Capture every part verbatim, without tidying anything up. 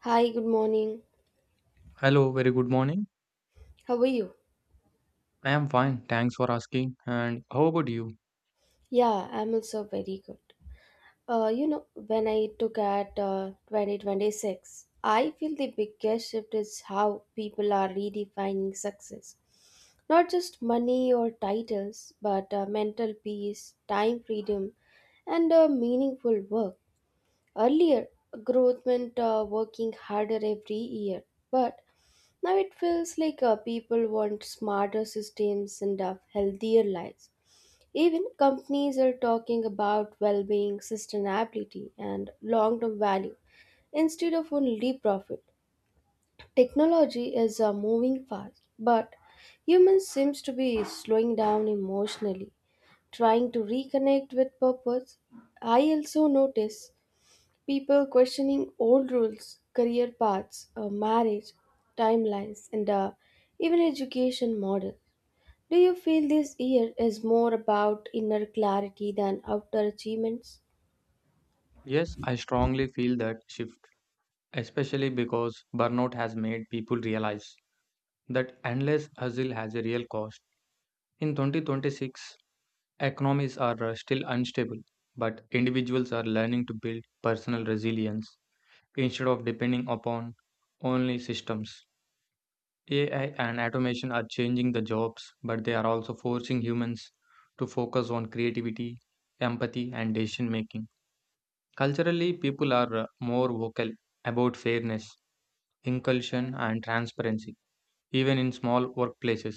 Hi, good morning. Hello, very good morning. How are you? I am fine, thanks for asking. And how about you? Yeah, I'm also very good. Uh, you know, when I took at uh, twenty twenty-six, I feel the biggest shift is how people are redefining success. Not just money or titles, but uh, mental peace, time freedom, and uh, meaningful work. Earlier, growth meant uh, working harder every year, but now it feels like uh, people want smarter systems and uh, healthier lives. Even companies are talking about well being, sustainability, and long term value instead of only profit. Technology is uh, moving fast, but humans seems to be slowing down emotionally, trying to reconnect with purpose. I also notice people questioning old rules, career paths, uh, marriage, timelines, and uh, even education models. Do you feel this year is more about inner clarity than outer achievements? Yes, I strongly feel that shift, especially because burnout has made people realize that endless hustle has a real cost. In twenty twenty-six, economies are uh, still unstable, but individuals are learning to build personal resilience instead of depending upon only systems. A I and automation are changing the jobs, but they are also forcing humans to focus on creativity, empathy, and decision making. Culturally, people are uh, more vocal about fairness, inclusion, and transparency, even in small workplaces.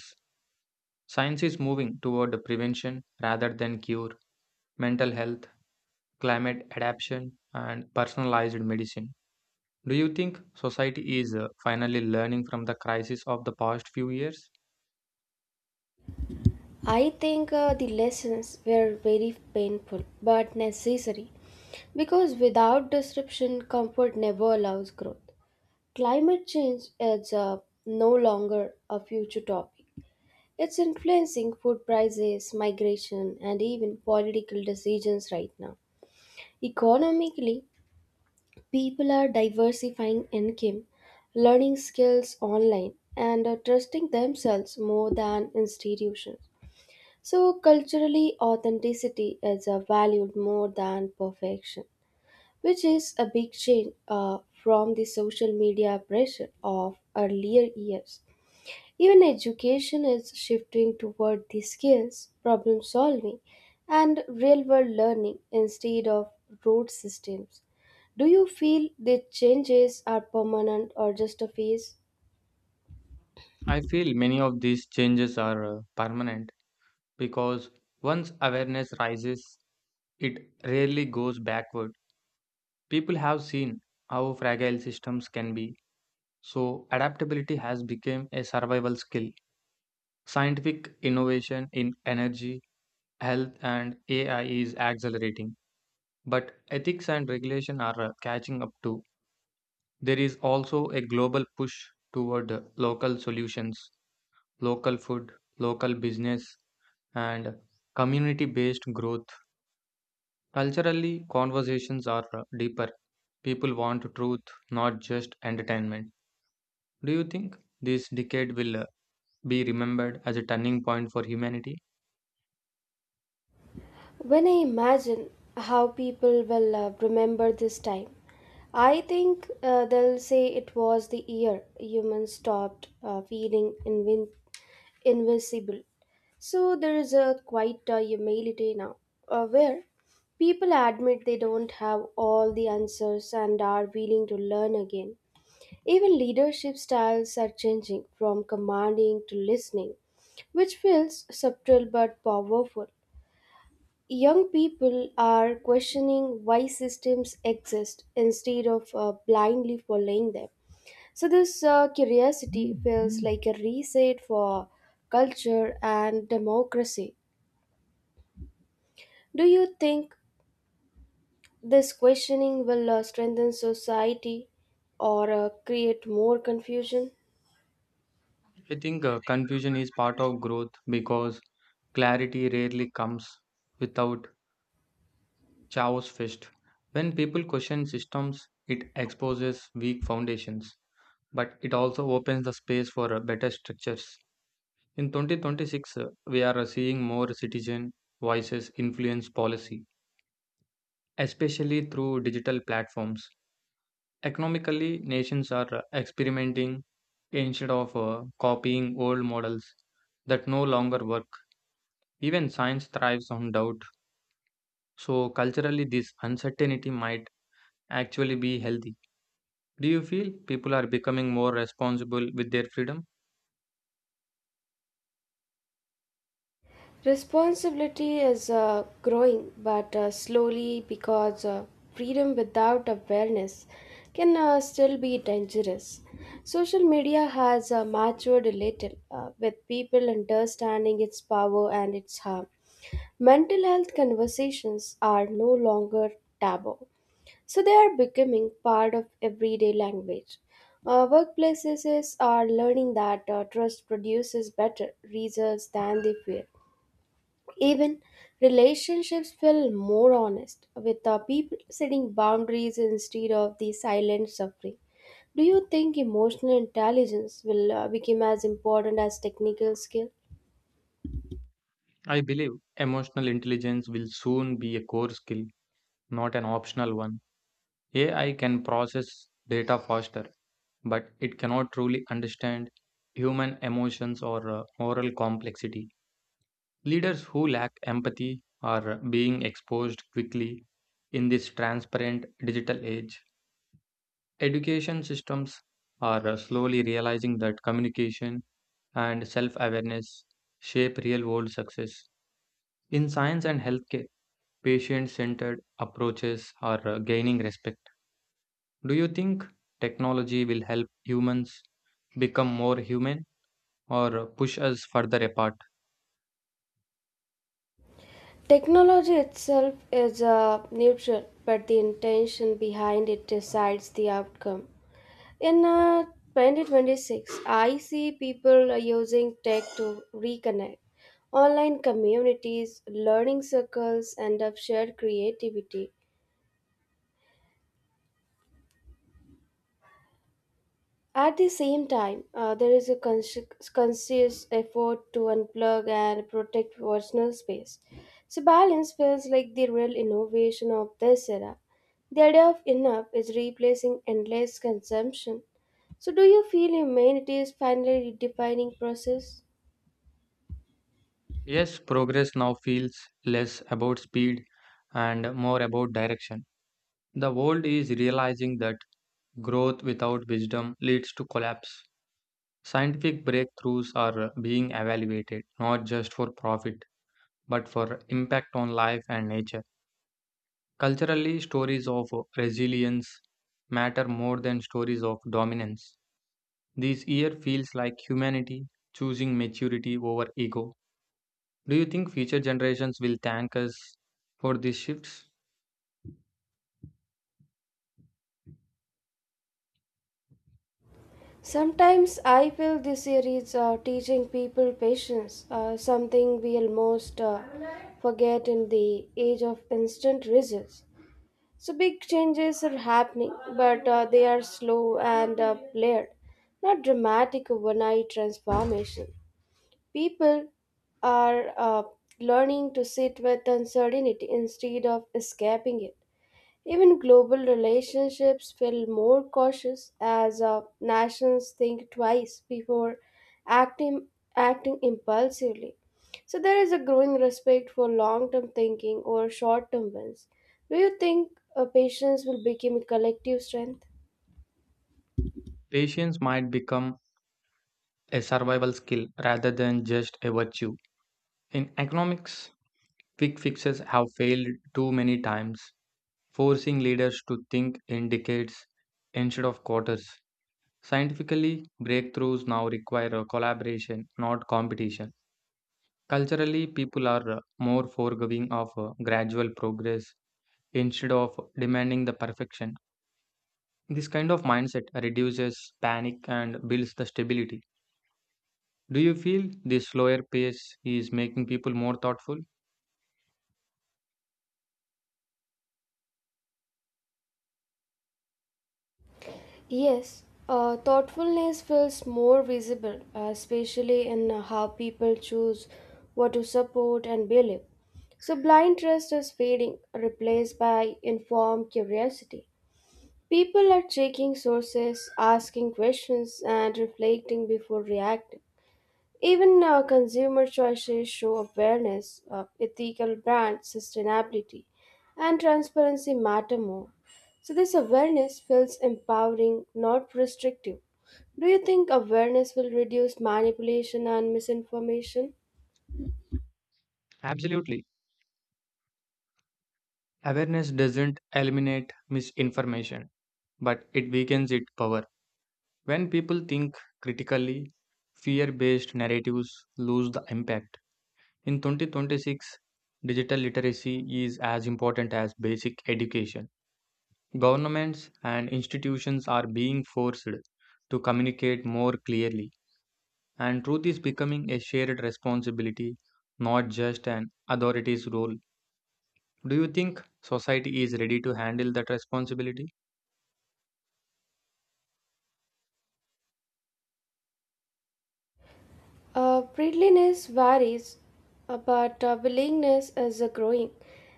Science is moving toward prevention rather than cure, mental health, climate adaptation, and personalized medicine. Do you think society is uh, finally learning from the crisis of the past few years? I think uh, the lessons were very painful but necessary because without disruption, comfort never allows growth. Climate change is uh, no longer a future topic. It's influencing food prices, migration, and even political decisions right now. Economically, people are diversifying income, learning skills online, and are trusting themselves more than institutions. So, culturally, authenticity is uh, valued more than perfection, which is a big change uh, from the social media pressure of earlier years. Even education is shifting toward these skills, problem solving, and real world learning instead of rote systems. Do you feel the changes are permanent or just a phase? I feel many of these changes are uh, permanent because once awareness rises, it rarely goes backward. People have seen how fragile systems can be, so adaptability has become a survival skill. Scientific innovation in energy, health, and A I is accelerating, but ethics and regulation are uh, catching up too. There is also a global push toward uh, local solutions, local food, local business, and community based growth. Culturally, conversations are uh, deeper. People want truth, not just entertainment. Do you think this decade will uh, be remembered as a turning point for humanity? When I imagine how people will uh, remember this time, I think uh, they'll say it was the year humans stopped uh, feeling invin- invisible. So there is a quite uh, humility now, uh, where people admit they don't have all the answers and are willing to learn again. Even leadership styles are changing from commanding to listening, which feels subtle but powerful. Young people are questioning why systems exist instead of uh, blindly following them. So, this uh, curiosity feels like a reset for culture and democracy. Do you think this questioning will uh, strengthen society or uh, create more confusion? I think uh, Confusion is part of growth because clarity rarely comes without chaos first. When people question systems, it exposes weak foundations, but it also opens the space for uh, better structures. In twenty twenty-six, uh, we are uh, seeing more citizen voices influence policy, especially through digital platforms. Economically, nations are uh, experimenting instead of uh, copying old models that no longer work. Even science thrives on doubt. So, culturally, this uncertainty might actually be healthy. Do you feel people are becoming more responsible with their freedom? Responsibility is uh, growing, but uh, slowly because uh, freedom without awareness can uh, still be dangerous. Social media has uh, matured a little uh, with people understanding its power and its harm. Mental health conversations are no longer taboo. So they are becoming part of everyday language. Uh, workplaces are learning that uh, trust produces better results than they fear. Even relationships feel more honest with uh, people setting boundaries instead of the silent suffering. Do you think emotional intelligence will uh, become as important as technical skill? I believe emotional intelligence will soon be a core skill, not an optional one. A I can process data faster, but it cannot truly understand human emotions or uh, moral complexity. Leaders who lack empathy are being exposed quickly in this transparent digital age. Education systems are uh, slowly realizing that communication and self awareness shape real world success. In science and healthcare, patient centered approaches are uh, gaining respect. Do you think technology will help humans become more human or push us further apart? Technology itself is uh, neutral, but the intention behind it decides the outcome. In uh, twenty twenty-six, I see people are using tech to reconnect. Online communities, learning circles, and up shared creativity. At the same time, uh, there is a cons- conscious effort to unplug and protect personal space. So, balance feels like the real innovation of this era. The idea of enough is replacing endless consumption. So, do you feel humanity is finally redefining process? Yes, progress now feels less about speed and more about direction. The world is realizing that growth without wisdom leads to collapse. Scientific breakthroughs are being evaluated not just for profit but for impact on life and nature. Culturally, stories of resilience matter more than stories of dominance. This year feels like humanity choosing maturity over ego. Do you think future generations will thank us for these shifts? Sometimes I feel this series uh, teaching people patience, uh, something we almost uh, forget in the age of instant results. So big changes are happening, but uh, they are slow and uh, layered, not dramatic overnight transformation. People are uh, learning to sit with uncertainty instead of escaping it. Even global relationships feel more cautious as uh, nations think twice before acting, acting impulsively. So there is a growing respect for long-term thinking or short-term wins. Do you think uh, patience will become a collective strength? Patience might become a survival skill rather than just a virtue. In economics, quick fixes have failed too many times, forcing leaders to think in decades instead of quarters. Scientifically, breakthroughs now require a collaboration, not competition. Culturally, people are uh, more forgiving of uh, gradual progress instead of demanding the perfection. This kind of mindset reduces panic and builds the stability. Do you feel this slower pace is making people more thoughtful? Yes, uh, thoughtfulness feels more visible, uh, especially in uh, how people choose what to support and believe. So, blind trust is fading, replaced by informed curiosity. People are checking sources, asking questions, and reflecting before reacting. Even uh, consumer choices show awareness of ethical brands, sustainability, and transparency matter more. So, this awareness feels empowering, not restrictive. Do you think awareness will reduce manipulation and misinformation? Absolutely. Awareness doesn't eliminate misinformation, but it weakens its power. When people think critically, fear based narratives lose the impact. In twenty twenty-six, digital literacy is as important as basic education. Governments and institutions are being forced to communicate more clearly, and truth is becoming a shared responsibility, not just an authority's role. Do you think society is ready to handle that responsibility? Uh, friendliness varies, uh, but uh, willingness is uh, growing,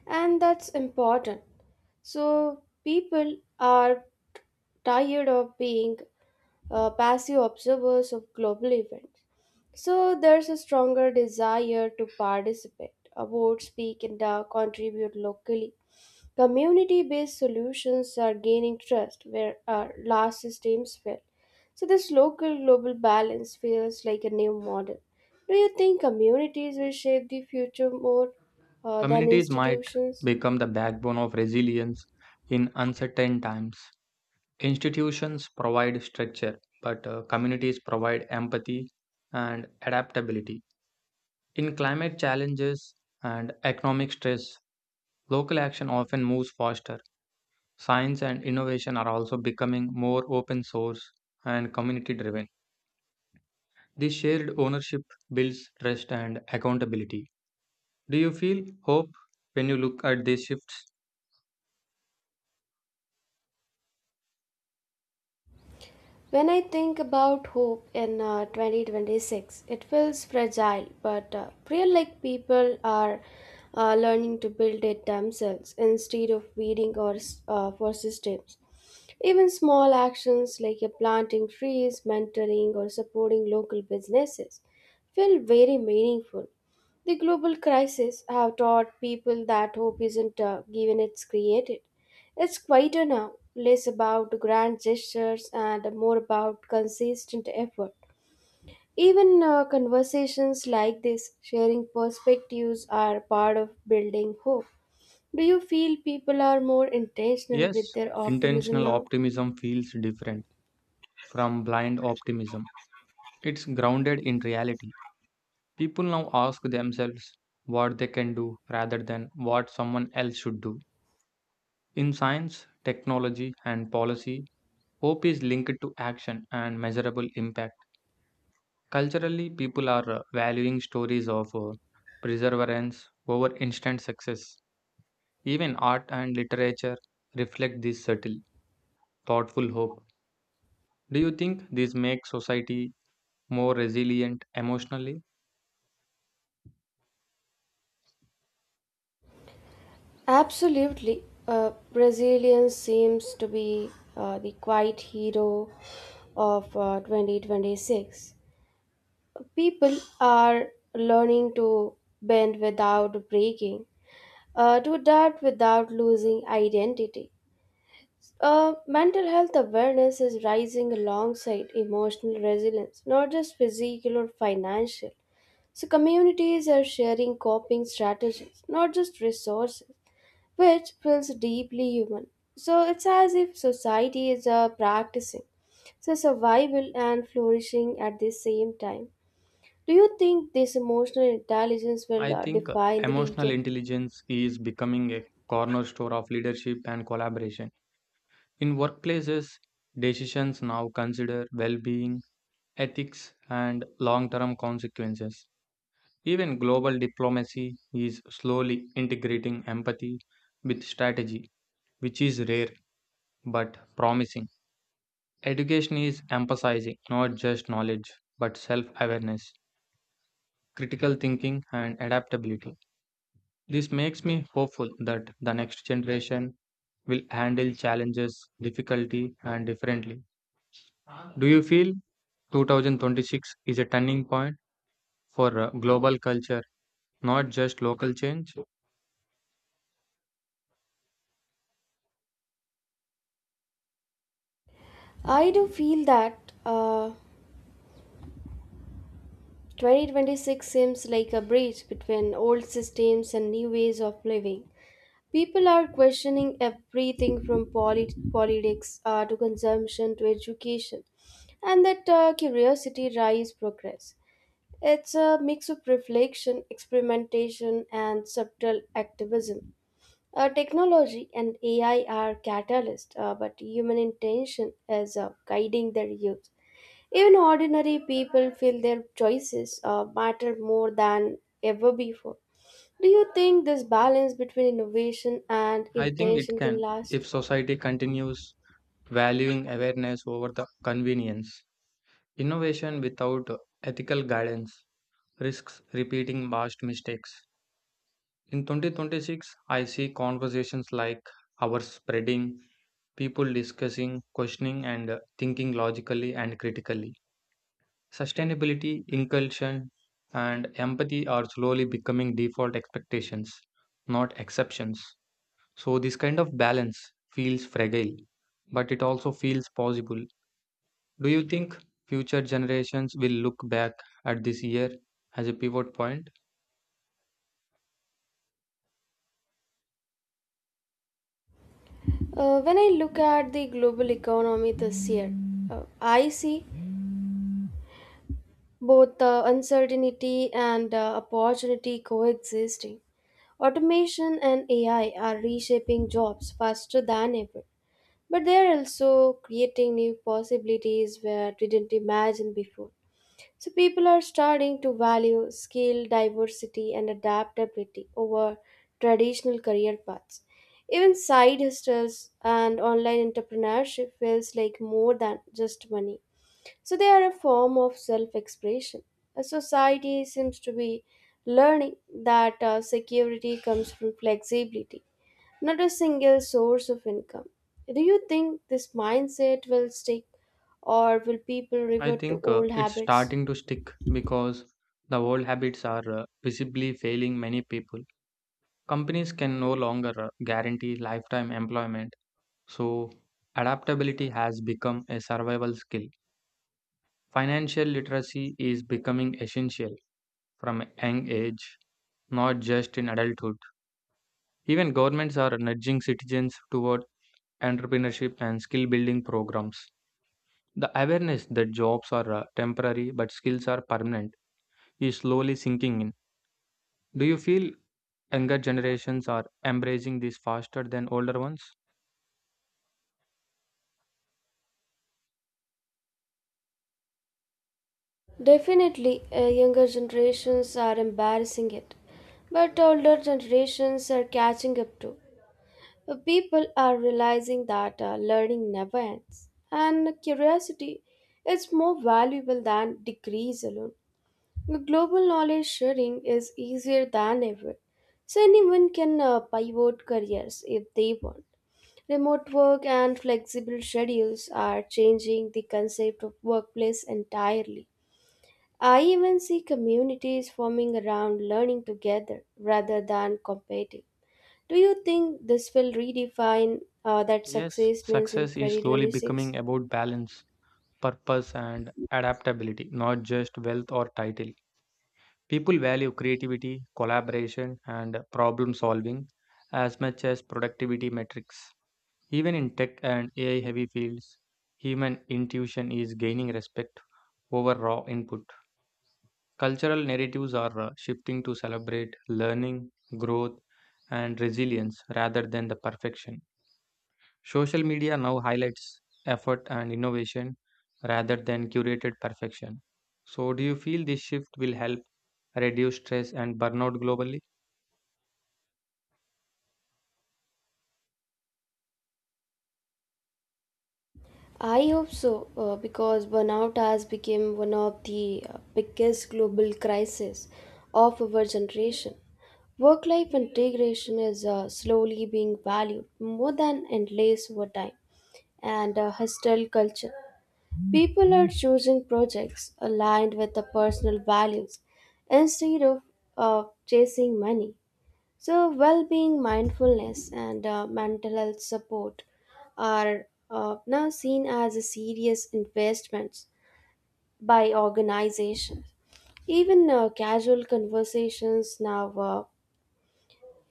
and that's important. So, people are tired of being uh, passive observers of global events. So there's a stronger desire to participate, vote, speak, and uh, contribute locally. Community based solutions are gaining trust where uh, large systems fail. So this local global balance feels like a new model. Do you think communities will shape the future more uh, than Communities might institutions? become the backbone of resilience in uncertain times. Institutions provide structure, but uh, communities provide empathy and adaptability. In climate challenges and economic stress, local action often moves faster. Science and innovation are also becoming more open source and community driven. This shared ownership builds trust and accountability. Do you feel hope when you look at these shifts? When I think about hope in uh, twenty twenty-six, it feels fragile, but uh, feel like people are uh, learning to build it themselves instead of waiting or, s- uh, for systems. Even small actions like uh, planting trees, mentoring, or supporting local businesses feel very meaningful. The global crisis have taught people that hope isn't uh, given; it's created. It's quieter now, less about grand gestures and more about consistent effort. Even uh, conversations like this, sharing perspectives, are part of building hope. Do you feel people are more intentional with Yes, their optimism intentional now? optimism feels different from blind optimism. It's grounded in reality. People now ask themselves what they can do rather than what someone else should do. In science, technology, and policy, hope is linked to action and measurable impact. Culturally, people are uh, valuing stories of uh, perseverance over instant success. Even art and literature reflect this subtle, thoughtful hope. Do you think this makes society more resilient emotionally? Absolutely. Uh, Brazilian seems to be uh, the quiet hero of uh, twenty twenty-six. People are learning to bend without breaking, uh, do that without losing identity. Uh, mental health awareness is rising alongside emotional resilience, not just physical or financial. So, communities are sharing coping strategies, not just resources, which feels deeply human. So, it's as if society is uh, practicing so survival and flourishing at the same time. Do you think this emotional intelligence will I uh, think uh, define the Emotional decade? intelligence is becoming a cornerstone of leadership and collaboration. In workplaces, decisions now consider well being, ethics, and long term consequences. Even global diplomacy is slowly integrating empathy with strategy, which is rare but promising. Education is emphasizing not just knowledge but self awareness, critical thinking, and adaptability. This makes me hopeful that the next generation will handle challenges, difficulty, and differently. Do you feel two thousand twenty-six is a turning point for uh, global culture, not just local change? I do feel that. Uh, twenty twenty-six seems like a bridge between old systems and new ways of living. People are questioning everything from polit- politics uh, to consumption to education, and that uh, curiosity drives progress. It's a mix of reflection, experimentation, and subtle activism. Uh, technology and A I are catalysts, uh, but human intention is uh, guiding their use. Even ordinary people feel their choices uh, matter more than ever before. Do you think this balance between innovation and I think it intention can can if last? society continues valuing awareness over the convenience. Innovation without ethical guidance risks repeating past mistakes. In twenty twenty-six, I see conversations like ours spreading, people discussing, questioning, and thinking logically and critically. Sustainability, inclusion, and empathy are slowly becoming default expectations, not exceptions. So, this kind of balance feels fragile, but it also feels possible. Do you think future generations will look back at this year as a pivot point? Uh, when I look at the global economy this year, uh, I see both uh, uncertainty and uh, opportunity coexisting. Automation and A I are reshaping jobs faster than ever, but they are also creating new possibilities where we didn't imagine before. So people are starting to value skill, diversity, and adaptability over traditional career paths. Even side hustles and online entrepreneurship feels like more than just money. So they are a form of self-expression. A society seems to be learning that uh, security comes from flexibility, not a single source of income. Do you think this mindset will stick, or will people I revert to think uh, old It's habits? starting to stick because the old habits are uh, visibly failing many people. Companies can no longer uh, guarantee lifetime employment, so adaptability has become a survival skill. Financial literacy is becoming essential from a young age, not just in adulthood. Even governments are nudging citizens toward entrepreneurship and skill building programs. The awareness that jobs are uh, temporary but skills are permanent is slowly sinking in. Do you feel younger generations are embracing this faster than older ones? Definitely, uh, younger generations are embarrassing it, but older generations are catching up too. Uh, People are realizing that uh, learning never ends, and curiosity is more valuable than degrees alone. Global knowledge sharing is easier than ever, so anyone can uh, pivot careers if they want. Remote work and flexible schedules are changing the concept of workplace entirely. I even see communities forming around learning together rather than competing. Do you think this will redefine uh, that Yes, success means in success is slowly twenty twenty-six? becoming about balance, purpose, and adaptability, not just wealth or title. People value creativity, collaboration, and problem solving as much as productivity metrics. Even in tech and A I heavy fields, human intuition is gaining respect over raw input. Cultural narratives are uh, shifting to celebrate learning, growth, and resilience rather than the perfection. Social media now highlights effort and innovation rather than curated perfection. So, do you feel this shift will help reduce stress and burnout globally? I hope so, uh, because burnout has become one of the uh, biggest global crises of our generation. Work life integration is uh, slowly being valued more than endless overtime and uh, hostile culture. People are choosing projects aligned with their personal values instead of uh, chasing money. So, well being, mindfulness, and uh, mental health support are uh, now seen as a serious investments by organizations. Even uh, casual conversations now uh,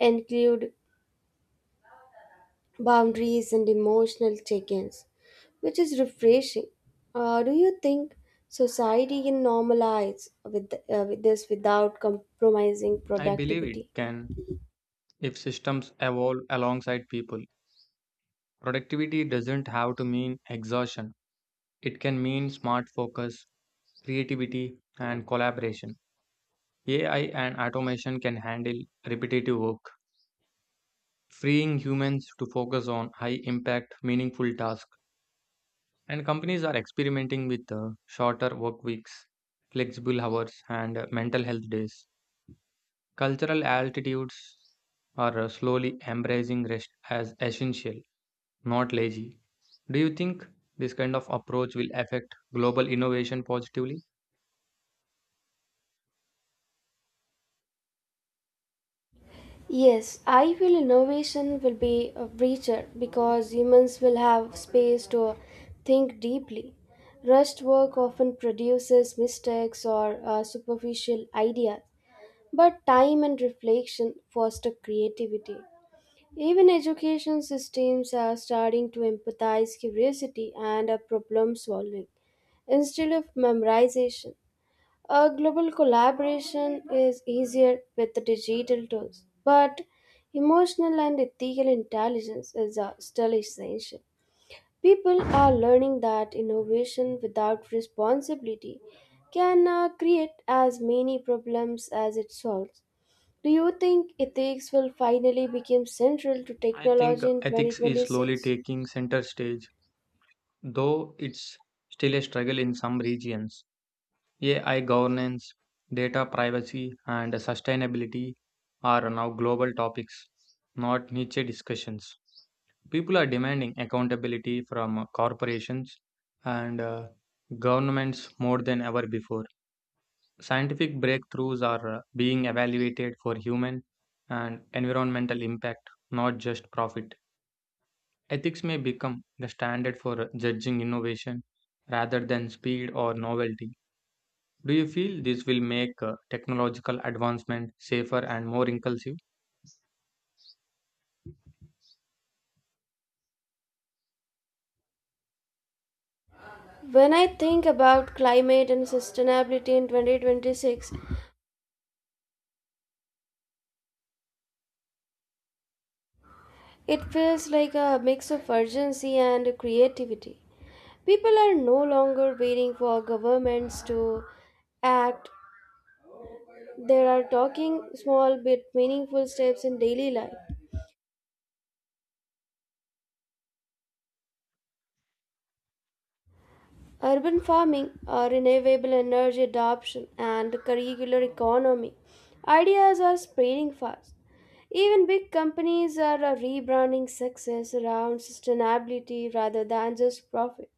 include boundaries and emotional check-ins, which is refreshing. Uh, do you think society can normalize with, uh, with this without compromising I believe it productivity? can if systems evolve alongside people. Productivity doesn't have to mean exhaustion. It can mean smart focus, creativity, and collaboration. A I and automation can handle repetitive work, freeing humans to focus on high impact, meaningful tasks. And companies are experimenting with uh, shorter work weeks, flexible hours, and uh, mental health days. Cultural altitudes are uh, slowly embracing rest as essential, not lazy. Do you think this kind of approach will affect global innovation positively? Yes, I feel innovation will be a richer because humans will have space to think deeply. Rushed work often produces mistakes or uh, superficial ideas, but time and reflection foster creativity. Even education systems are starting to empathize curiosity and a problem solving instead of memorization. A global collaboration is easier with the digital tools, but emotional and ethical intelligence is uh, still essential. People are learning that innovation without responsibility can uh, create as many problems as it solves. Do you think ethics will finally become central to I think technology in ethics is slowly twenty twenty-six? taking center stage, though it's still a struggle in some regions. A I governance, data privacy, and sustainability are now global topics, not niche discussions. People are demanding accountability from corporations and uh, governments more than ever before. Scientific breakthroughs are uh, being evaluated for human and environmental impact, not just profit. Ethics may become the standard for uh, judging innovation rather than speed or novelty. Do you feel this will make uh, technological advancement safer and more inclusive? When I think about climate and sustainability in twenty twenty-six, it feels like a mix of urgency and creativity. People are no longer waiting for governments to act. They are taking small but meaningful steps in daily life. Urban farming, uh, renewable energy adoption, and curricular economy ideas are spreading fast. Even big companies are uh, rebranding success around sustainability rather than just profit.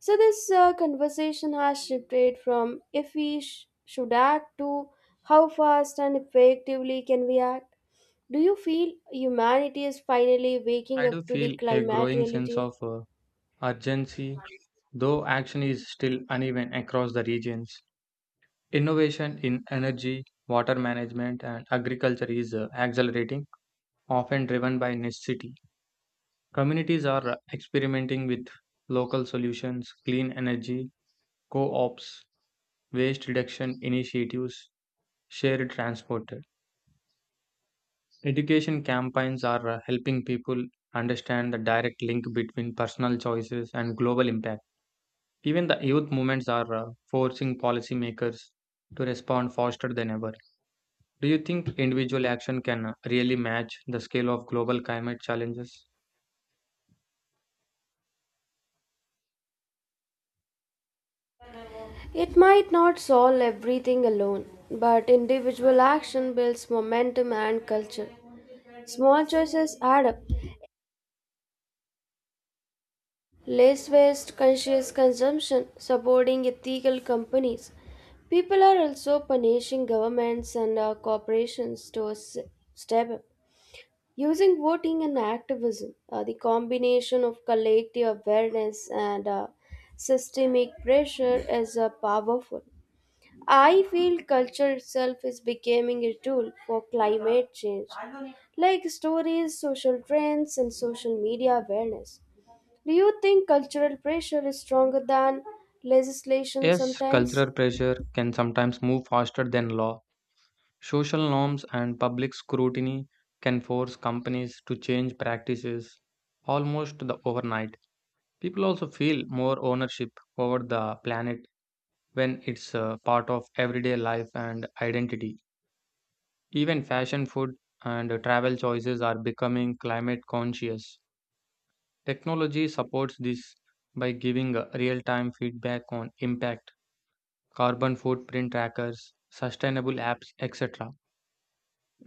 So, this uh, conversation has shifted from if we sh- should act to how fast and effectively can we act. Do you feel humanity is finally waking I do up to the feel a climate growing sense reality? of uh, urgency, though action is still uneven across the regions. Innovation in energy, water management, and agriculture is uh, accelerating, often driven by necessity. Communities are experimenting with local solutions, clean energy, co ops, waste reduction initiatives, shared transport. Education campaigns are uh, helping people understand the direct link between personal choices and global impact. Even the youth movements are uh, forcing policymakers to respond faster than ever. Do you think individual action can uh, really match the scale of global climate challenges? It might not solve everything alone, but individual action builds momentum and culture. Small choices add up. Less waste, conscious consumption, supporting ethical companies. People are also punishing governments and uh, corporations to s- step up. Using voting and activism, uh, the combination of collective awareness and uh, systemic pressure is uh, powerful. I feel culture itself is becoming a tool for climate change, like stories, social trends, and social media awareness. Do you think cultural pressure is stronger than legislation Yes, sometimes? cultural pressure can sometimes move faster than law. Social norms and public scrutiny can force companies to change practices almost the overnight. People also feel more ownership over the planet when it's a part of everyday life and identity. Even fashion, food, and travel choices are becoming climate conscious. Technology supports this by giving real time feedback on impact, carbon footprint trackers, sustainable apps, et cetera.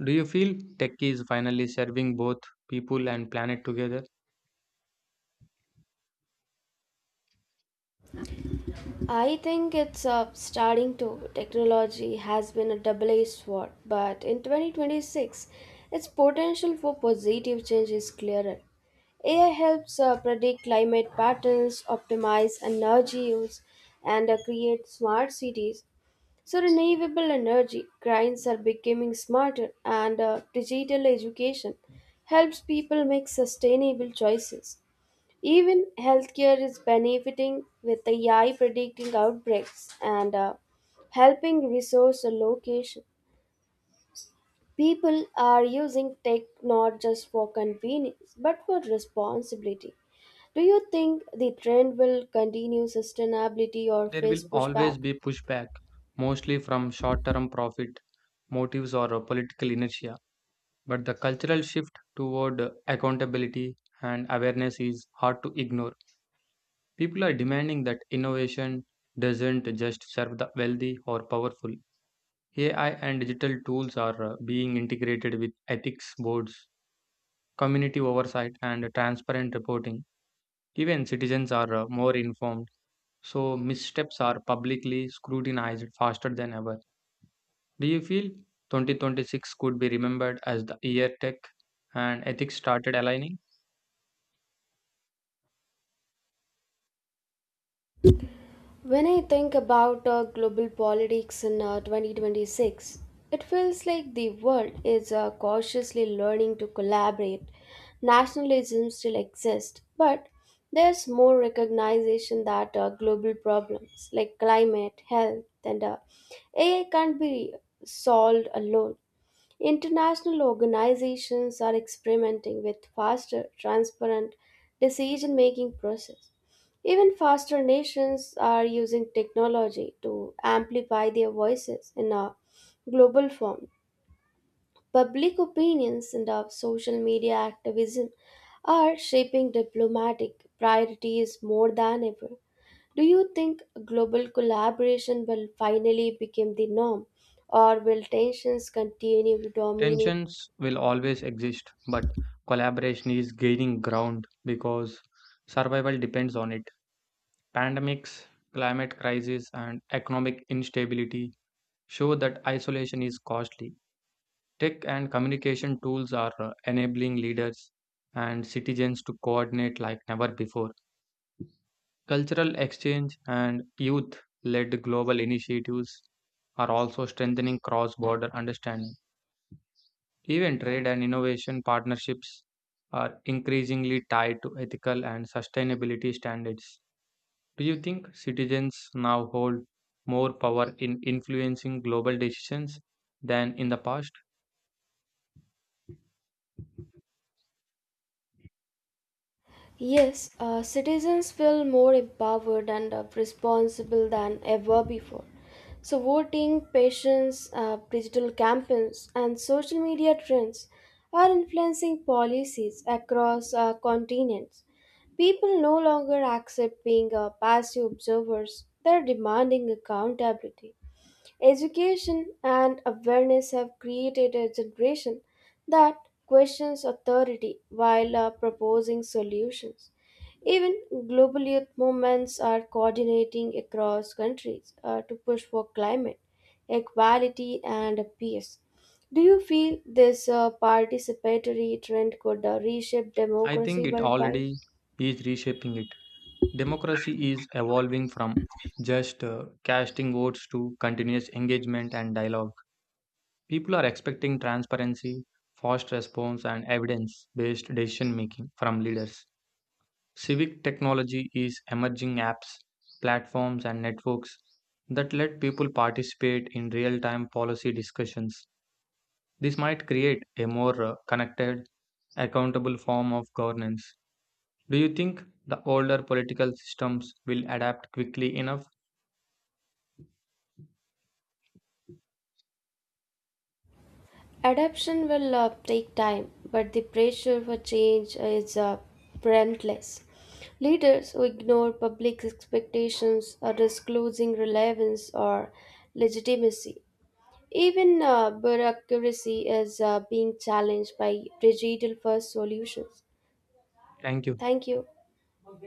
Do you feel tech is finally serving both people and planet together? I think it's uh, starting to. Technology has been a double edged sword, but in twenty twenty-six, its potential for positive change is clearer. A I helps uh, predict climate patterns, optimize energy use, and uh, create smart cities. So, renewable energy grids are becoming smarter, and uh, digital education helps people make sustainable choices. Even healthcare is benefiting with A I predicting outbreaks and uh, helping resource allocation. People are using tech not just for convenience but for responsibility. Do you think the trend will continue sustainability or There will face always pushback? be pushback, mostly from short term profit motives or uh, political inertia. But the cultural shift toward uh, accountability and awareness is hard to ignore. People are demanding that innovation doesn't just serve the wealthy or powerful. A I and digital tools are uh, being integrated with ethics boards, community oversight, and transparent reporting. Even citizens are uh, more informed, so missteps are publicly scrutinized faster than ever. Do you feel twenty twenty-six could be remembered as the year tech and ethics started aligning? When I think about uh, global politics in uh, twenty twenty-six, it feels like the world is uh, cautiously learning to collaborate. Nationalism still exists, but there's more recognition that uh, global problems like climate, health, and uh, A I can't be solved alone. International organizations are experimenting with faster, transparent decision making process. Even faster nations are using technology to amplify their voices in a global form. Public opinions and of social media activism are shaping diplomatic priorities more than ever. Do you think global collaboration will finally become the norm, or will tensions continue to dominate? Tensions will always exist, but collaboration is gaining ground because survival depends on it. Pandemics, climate crisis, and economic instability show that isolation is costly. Tech and communication tools are uh, enabling leaders and citizens to coordinate like never before. Cultural exchange and youth led global initiatives are also strengthening cross border understanding. Even trade and innovation partnerships are increasingly tied to ethical and sustainability standards. Do you think citizens now hold more power in influencing global decisions than in the past? Yes, uh, citizens feel more empowered and uh, responsible than ever before. So, voting, patience, uh, digital campaigns, and social media trends are influencing policies across uh, continents. People no longer accept being uh, passive observers, they're demanding accountability. Education and awareness have created a generation that questions authority while uh, proposing solutions. Even global youth movements are coordinating across countries uh, to push for climate equality and peace. Do you feel this uh, participatory trend could uh, reshape I think democracy it worldwide? already is reshaping it. Democracy is evolving from just uh, casting votes to continuous engagement and dialogue. People are expecting transparency, fast response, and evidence based decision making from leaders. Civic technology is emerging apps, platforms, and networks that let people participate in real time policy discussions. This might create a more uh, connected, accountable form of governance. Do you think the older political systems will adapt quickly enough? Adaptation will uh, take time, but the pressure for change is uh, relentless. Leaders who ignore public expectations are disclosing relevance or legitimacy. Even uh, bureaucracy is uh, being challenged by digital first solutions. Thank you. Thank you.